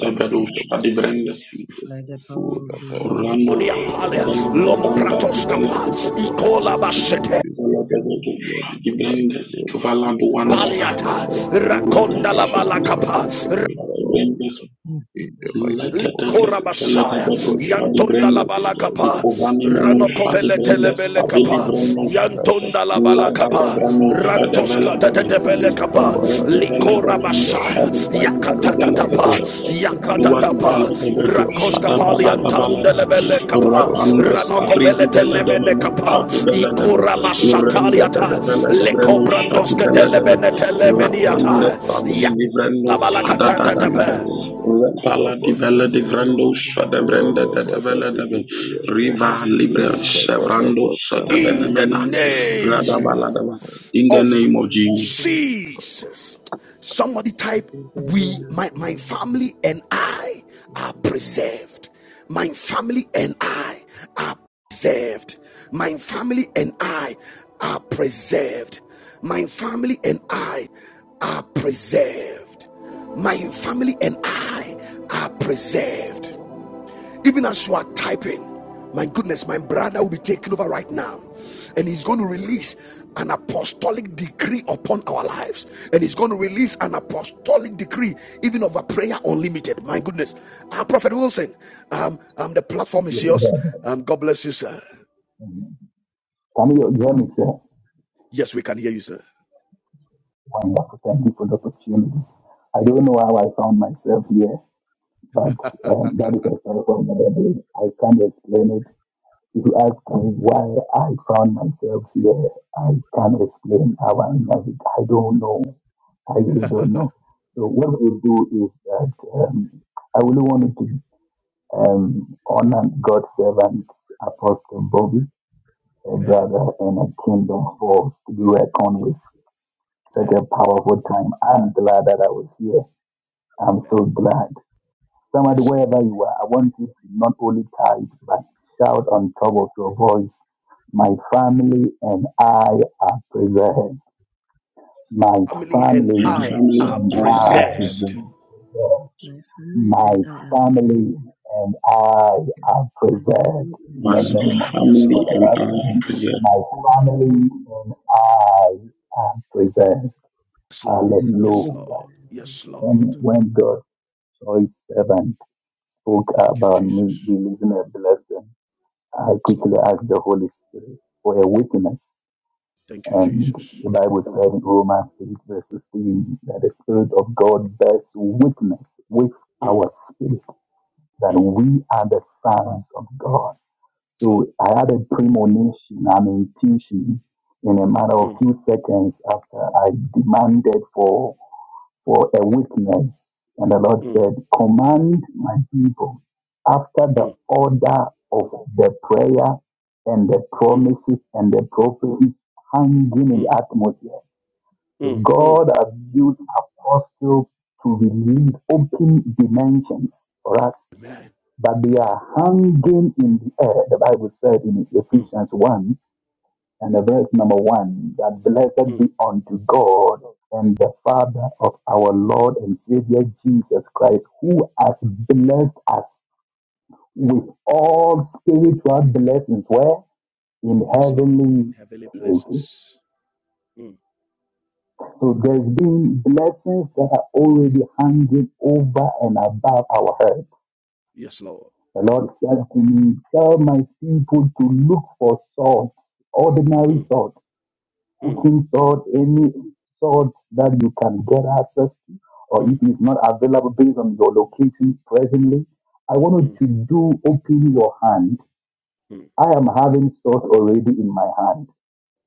I pray in the mighty name of Jesus, oh,
power of
that
the
I am
Holy Ghost,
exempted from
palia,
any orchestration of the
lompratoskapa,
evil one
ikola
during this weekend and beyond in the mighty name of Jesus. uh, Oh
paliata,
Lord, let your
rakonda la
protection be 100%
balakapa,
around me uh, in the mighty
Lata
name of
tata
Jesus.
lata
Korabashaya,
Oh
bado
Lord, let
shadi
your
Yantonda
brenda
la
shield, oh Lord,
balakapa,
Jesus,
protect
ikovani
me,
my
oh
menu
Lord.
shadi
Ranokovele
Let
family
brenda
me
telebele
soar, oh
savili
kapa,
Lord,
brenda
like an
Yantonda la
eagle in
lada
the
balakapa,
mighty
bebrano
name of
shadi vela
Rantoska
Jesus.
da
bebe
debele kapa,
Kivra developable Shadi
Lekabaradabidiwikabiyam.
Likorabashaya,
Branda
Yakata da
developable
dapa, Yakata
Dua
dapa,
developable
Rakoska
Shada Balada
Rakabarabasandibidibidikababababa.
paliantanda
Balada
lebele kapa,
Ratanda Sabri
Ranokovele tenemene
developable
kapa,
Lekababababababababa.
Shadi Beladable Renda
Ikorabashataliata,
developable Breno
Lekabasandibidabasandibidibi.
Shadi
Lekobrandoska
Beladable
delebene
Ratanda
telemeniata,
Sabri
Lekababababababa.
Livrando Shada
Didi
Dadaba
Yakalabala
and Daddy
Rapala
Papa
Divella
Sandeva
Divrando Shada Brenda
Rada Bada
Dadabeladabe
Didi and
Riva Libre
Rikabada
Chevrando Shada
Basandi
in the
Benemena
Didi
name
in the
Radabaladaba in
mighty
the
name of
name
of
of Jesus.
Jesus. Rikabada
Jesus. Somebody type, we, my, my family and I are preserved. My family and I are preserved. My family and I are preserved. My family and I are preserved. My family and I are preserved. Even as you are typing, my goodness, my brother will be taking over right now. And he's going to release an apostolic decree upon our lives. And he's going to release an apostolic decree, even over prayer unlimited. My goodness. our Prophet Wilson, um, um, the platform is yours. Um, God bless you, sir.
Camille Journey said,
Yes, we can hear you, sir.
one want thank you for the opportunity. I don't know how I found myself here, but um, that is a story for another day. I can't explain it. If you ask me why I found myself here, I can't explain how I navig- I don't know. I really don't know. So what we do is that um, I really wanted to um, honor God's servant, Apostle Bobby, a
Man,
brother and a kingdom force to be reckoned with. Such
man,
a powerful time. I'm glad that I was here. I'm
man.
so glad. Somebody,
Yes, Lord.
wherever you are, I want you to not only type, but shout on top of your voice. My family and I are preserved. My
Family and
My
family
I are
family and
and
I
I,
are
preserved.
my
and I are forgiven.
family
My
and I are preserved
family
in
and
My
the
Yes,
I
name
Lord.
of Jesus
Yes,
for
family
Lord.
the
and
last
I are
time.
preserved.
My
and preserve
family and I are preserved.
Yes,
my
Lord.
family
Yes,
and
Hallelujah.
Lord.
I have
Yes,
myself.
When,
Lord.
Amen.
when God choice servant spoke
Thank you,
about me
Jesus.
releasing a blessing, I
Yes, Lord.
quickly asked the Holy Spirit for a witness.
Thank you,
And
Jesus.
the Bible said in Romans 8, verse 16, that the Spirit of God bears witness with
Mm,
our spirit that
mm,
we are the sons of God.
slow.
So I had a premonition, an intuition in a matter of
Mm,
few seconds after I demanded for for a witness. And the Lord
mm,
said, Command my people after the
mm,
order of the prayer and the
mm,
promises and the prophecies hanging in the
mm,
atmosphere. So
mm, mm.
God has used apostle to release open dimensions for us,
Amen.
but they are hanging in the air. The Bible said in
Mm,
Ephesians 1 and the verse number one, that blessed be
mm.
unto God and the Father of our Lord and Savior Jesus Christ, who has blessed us with all spiritual blessings where in
Yes, Lord. In
heavenly
heavenly
places.
places. Mm,
So there's been blessings that are already hanging over and above our heads.
yes, Lord.
The Lord said to me, Tell my people to look for salt, ordinary
Mm,
salt
mm,
cooking salt, any salt that you can get access to, or
mm,
if it's not available based on your location presently, I want
mm,
you to do open your hand.
mm,
I am having salt already in my hand.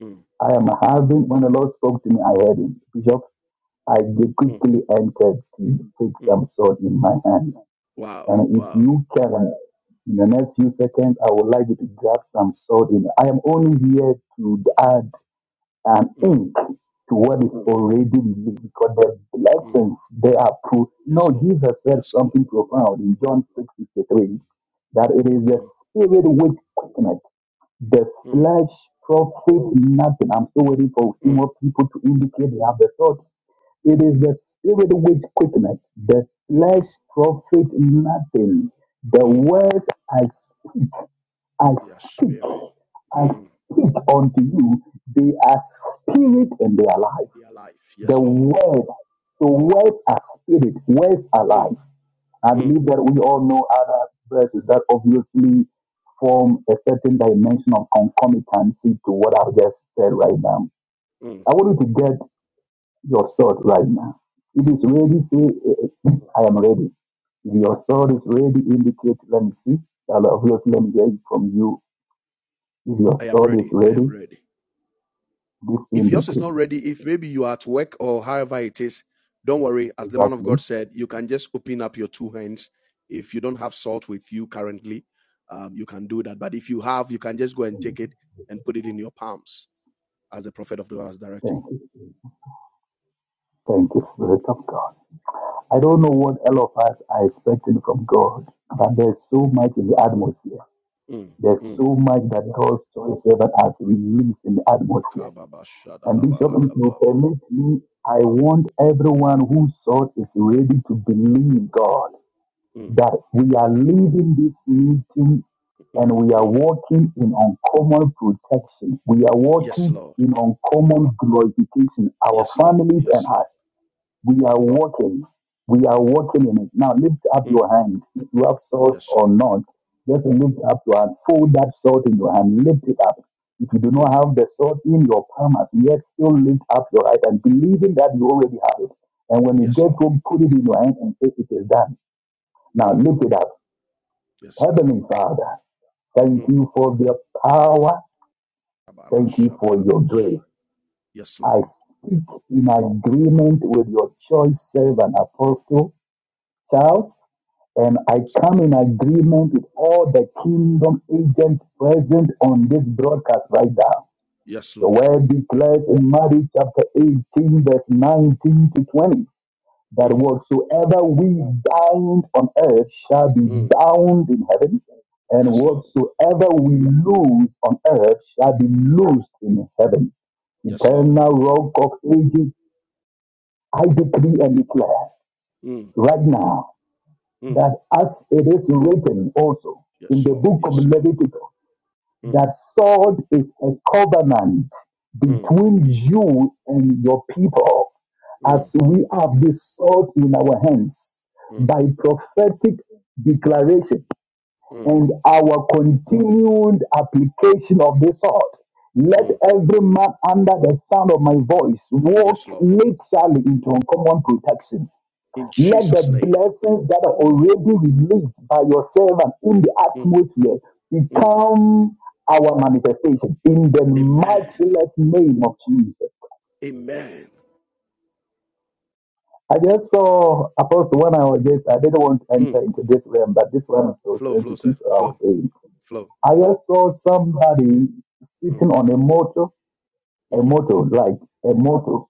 mm,
I am having, when the Lord spoke to me, I heard him. Bishop, I
mm,
quickly entered to take
mm.
some salt in my hand.
Wow,
And if
wow.
you can, in the next few seconds, I would like you to grab some salt in. I am only here to add and
Mm,
in to what is
mm,
already released because the
mm.
blessings they are proof. No,
Yes, Lord.
Jesus said
Yes, Lord.
something profound in John 6:63 that it is the
Mm,
spirit which quickeneth, the
mm,
flesh profit nothing. I'm still waiting for a few
mm,
more people to indicate they have the thought. It is the spirit which quickeneth, the flesh
mm,
profit nothing. The
mm.
words I, s- I
Their
speak,
spirit
I
mm,
speak unto you, they are spirit and they are life.
in their life.
The
Yes, Lord.
word, the words are spirit, words are
Mm,
life. I
mm,
believe that we all know other verses that obviously form a certain dimension of concomitancy to what I've just said right now.
mm,
I want you to get your sword right now. If it's
mm.
ready, say, I am ready. If your sword is ready, indicate, let me see. I'll obviously let me hear it from you. If your
I am
sword is
ready. I am
ready,
ready.
this
If yours is
indicates.
not ready, if maybe you are at work or however it is, don't worry. As the man of
Exactly.
God said, you can just open up your two hands. If you don't have salt with you currently, um, you can do that. But if you have, you can just go and take it and put it in your palms, as the prophet of the Lord has directed.
Thank you. Thank you, Spirit of God. I don't know what all of us are expecting from God, but
Mm,
there's so much in the atmosphere.
mm,
There's
mm.
so much that God's choice servant has released in the atmosphere. And Bishop, if you permit me, I want everyone who sought is ready to believe God
Mm,
that we are leaving this meeting and
mm,
we are
mm.
walking in uncommon protection. We are
Yes,
walking
Lord.
in uncommon glorification, our
Yes, Lord.
families and
Yes, Lord.
us. We are walking. We are walking in it. Now lift up
Mm,
your hand. If you have salt
Yes,
or
Lord.
not, just lift up your hand. Fold that salt in your hand. Lift it up. If you do not
Mm,
have the salt in your palm as yet, still lift up your right hand, believing that you already have it. And when you
Yes,
get
Lord.
home, put it in your hand and say, It is done. Now
Mm,
lift it up.
Yes, Lord.
Heavenly Father, thank
Mm.
you for your power. Thank you for your grace.
Yes, Lord.
I speak in agreement with your choice servant, Apostle Charles. And I
Yes, Lord.
come in agreement with all the kingdom agents present on this broadcast right now.
Yes,
The
Lord.
word declares in Matthew chapter 18, verse 19 to 20, that
Mm,
whatsoever we bind on earth shall be
mm.
bound in heaven, and
Yes, Lord.
whatsoever we loose on earth shall be loosed in heaven.
Yes, Lord.
Eternal rock of ages, I decree and declare
Mm,
right now
mm.
that as it is written also in
Yes,
the
Lord.
book of
Yes, Lord.
Leviticus,
Mm,
that sword is a covenant
mm,
between you and your people, as
mm,
we have this sword in our hands
mm,
by prophetic declaration
mm,
and our continued application of this sword. Let
mm.
every man under the sound of my voice walk
Yes, Lord.
literally into uncommon protection
In
let the
Jesus' name.
blessings that are already released by your servant in the
Mm,
atmosphere
mm.
become our manifestation in the
Amen.
matchless name of Jesus Christ.
Amen.
I just saw Apostle when I was just I didn't want to
Mm.
enter into this realm, but this realm is so
Flow, flow, sir.
sensitive. I was
Flow,
saying
flow.
I
Mm,
just saw somebody
mm,
sitting on a motor, a
mm-hmm.
motor like a motor,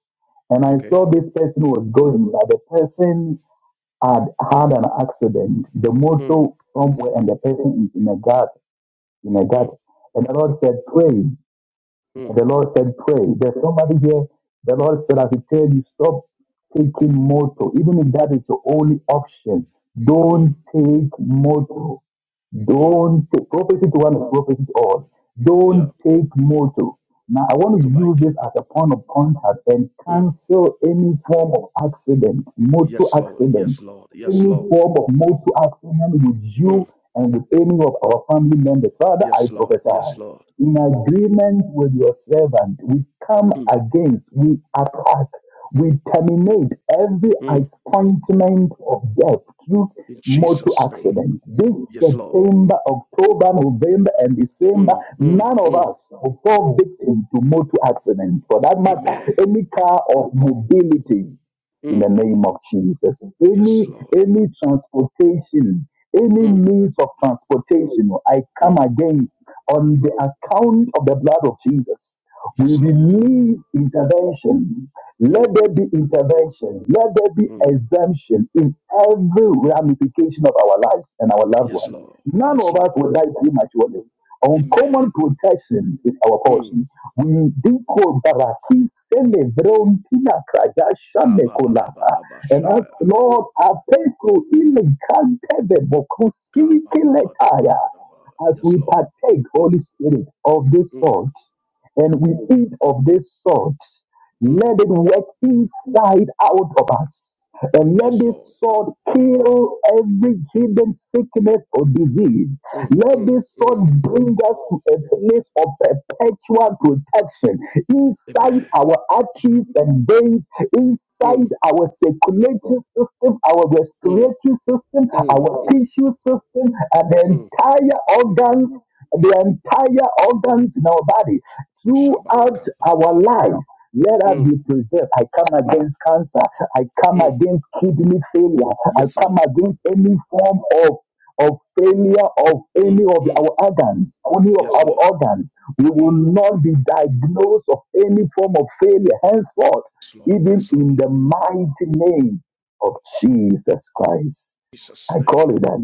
and I
Okay.
saw this person was going like the person had had an accident, the
Mm,
motor somewhere, and the person is in a gut, in a gut.
mm,
And the Lord said, pray.
mm,
And The Lord said, pray. There's somebody here. The Lord said, I will tell you, stop taking motor. Even if that is the only option,
mm,
don't take motor.
mm.
Don't take prophecy to one is prophecy to all.
Yeah.
Don't take motor. Now I want to use
Motorbike.
this as a point of contact and
Mm.
cancel any form of accident, motor
Yes, Lord.
accident,
Yes, Lord. Yes,
any
Lord.
form of motor accident with
Mm.
you and with any of our family members. Father, I
Yes, Lord.
prophesy
Yes, Lord.
in agreement with your servant, we come
Mm,
against, we attack, we terminate every
mm.
appointment of death through
In
motor
Jesus' name.
accident. This
Yes, Lord.
September, October, November, and December,
Mm, mm,
none of
mm.
us will fall victim to motor accident. For that
Amen.
matter, any car of mobility in
Mm.
the name of Jesus.
Yes,
Any
Lord.
any transportation, any
Mm,
means of transportation, I come
mm.
against on the account of the blood of Jesus, we
Yes, Lord.
release intervention. Let
Mm,
there be intervention. Let there be
mm.
exemption in every ramification of our lives and our loved
Yes,
ones.
Lord.
None
Yes,
of us
Lord.
will die prematurely.
Amen.
Uncommon protection is our
Mm.
portion. We decode baraki sele brontina krajasha
Ka ba
mekola. And as Lord, I pray to ile kantebe bokusi kiletaya as
Yes,
we
Lord.
partake, Holy Spirit, of this
Mm,
salt, and we eat of this salt,
mm.
let it work inside out of us. And let
Yes, Lord.
this sword kill every hidden sickness or disease.
Mm,
Let
mm,
this
mm.
sword bring us to a place of perpetual protection inside
Amen.
our arteries and veins,
Mm,
inside our circulatory system, our
mm,
respiratory system,
mm,
our
mm,
tissue system, and the
mm.
entire organs, the entire organs in our body throughout
Shabalakaba.
our lives. Let us
Mm,
be preserved. I come against cancer. I come
mm.
against kidney failure. I
Yes,
come
Lord.
against any form of of failure of
Mm,
any of
mm.
our organs, any of
Yes, Lord.
our organs. We will
Mm.
not be diagnosed of any form of failure henceforth,
Yes, Lord.
even
Yes, Lord.
in the mighty name of Jesus Christ.
Jesus'
I call
name.
it that.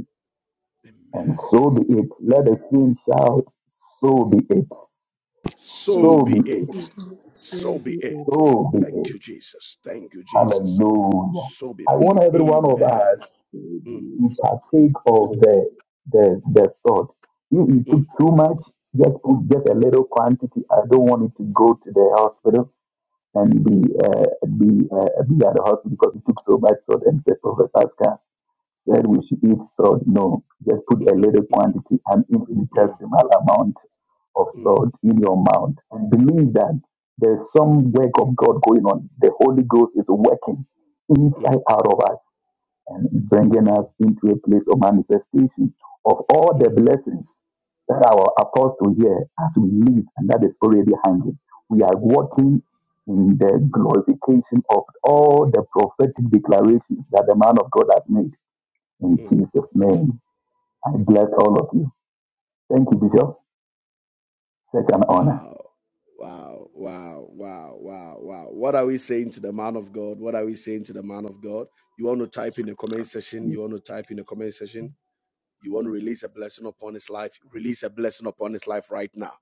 And
Amen.
so be it. Let the saints shout, so be it.
So
So
So
be
be
it.
it. So
So
be
be it.
it.
So be
Amen.
Thank
it.
you, Jesus. Thank you, Jesus.
Hallelujah.
So be it.
I want every one of
Amen.
us
Mm,
to partake of the the, the sword. If you took
mm,
too much, just put just a little quantity. I don't want it to go to the hospital and be uh, be uh, be at the hospital because you took so much sword and said, Prophet Pascal. said we should eat salt. No, just put a little quantity, an
mm,
infinitesimal amount of
mm,
salt in your mouth, and believe that there is some work of God going on. The Holy Ghost is working
mm,
inside out of us and is bringing us into a place of manifestation of all the
mm,
blessings that our apostle here has released, and that is already hanging. We are walking in the glorification of all the prophetic declarations that the man of God has made in
mm.
Jesus' name, I bless all of you. Thank you, Bishop. Such an honor.
Wow. Wow. Wow. Wow. Wow. Wow. What are we saying to the man of God? What are we saying to the man of God? You want to type in the comment section? You want to type in the comment section? You want to release a blessing upon his life? Release a blessing upon his life right now.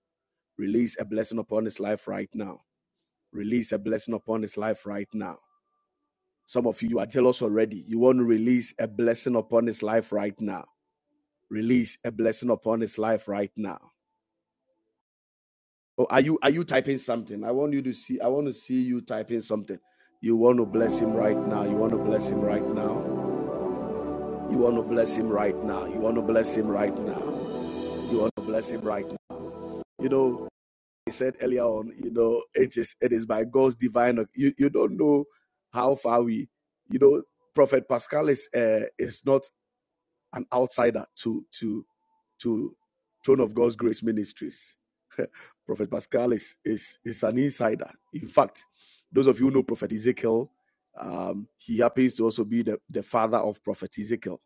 Release a blessing upon his life right now. Release a blessing upon his life right now Some of you are jealous already. You want to release a blessing upon his life right now. Release a blessing upon his life right now. Oh, are you are you typing something? I want you to see. I want to see you typing something. You want to bless him right now. You want to bless him right now. You want to bless him right now. You want to bless him right now. You want to bless him right now. You know, I said earlier on. You know, it is it is by God's divine. You you don't know how far we. You know, Prophet Pascal is uh, is not an outsider to to to throne of God's grace ministries. Prophet Pascal is is is an insider. In fact, those of you who know Prophet Ezekiel, um, he happens to also be the, the father of Prophet Ezekiel,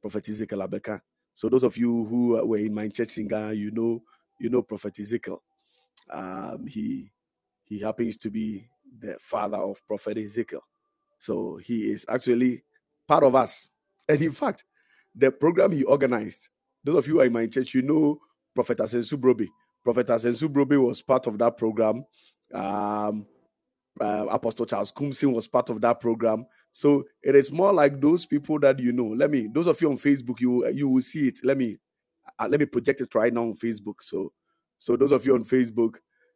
Prophet Ezekiel Abeka. So those of you who uh, were in my church in Ghana, you know you know Prophet Ezekiel. Um, he he happens to be the father of Prophet Ezekiel. So he is actually part of us. And in fact, the program he organized, those of you who are in my church, you know Prophet Asensu Brobe. Prophet Asensu Brobe was part of that program. Um, uh, Apostle Charles Kumsin was part of that program. So it is more like those people that you know. Let me, those of you on Facebook, you you will see it. Let me uh, let me project it right now on Facebook. So so those of you on Facebook,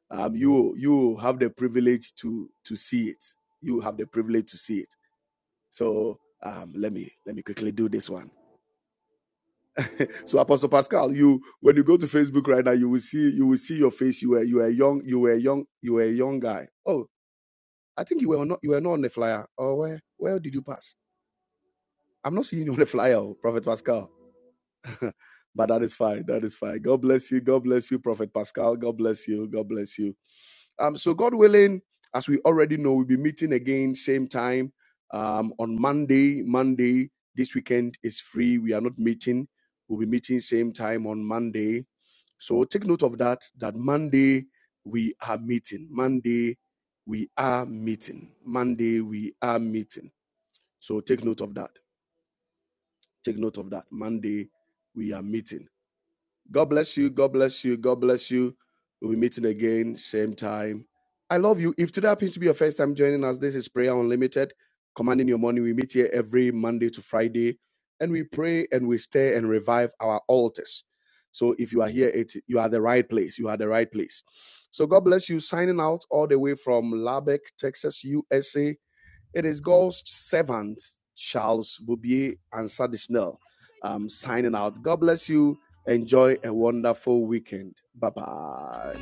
um, you you have the privilege to to see it. You have the privilege to see it. So um, let me let me quickly do this one. So Apostle Pascal, you when you go to Facebook right now, you will see you will see your face. You were you were young you were a young you were a young guy. Oh, I think you were not you were not on the flyer. Oh, where where did you pass? I'm not seeing you on the flyer, oh, Prophet Pascal. but that is fine. That is fine. God bless you. God bless you, Prophet Pascal. God bless you. God bless you. Um, so God willing, as we already know, we'll be meeting again same time um, on Monday. Monday this weekend is free. We are not meeting. We'll be meeting same time on Monday. So take note of that. That Monday we are meeting. Monday we are meeting. Monday we are meeting. So take note of that. Take note of that. Monday we are meeting. God bless you. God bless you. God bless you. We'll be meeting again, same time. I love you. If today happens to be your first time joining us, this is Prayer Unlimited, commanding your money. We meet here every Monday to Friday, and we pray and we stay and revive our altars. So if you are here, it you are the right place. You are the right place. So God bless you. Signing out all the way from Lubbock, Texas, USA. It is God's servant, Charles Boubier and Sadishnell, um, signing out. God bless you. Enjoy a wonderful weekend. Bye bye.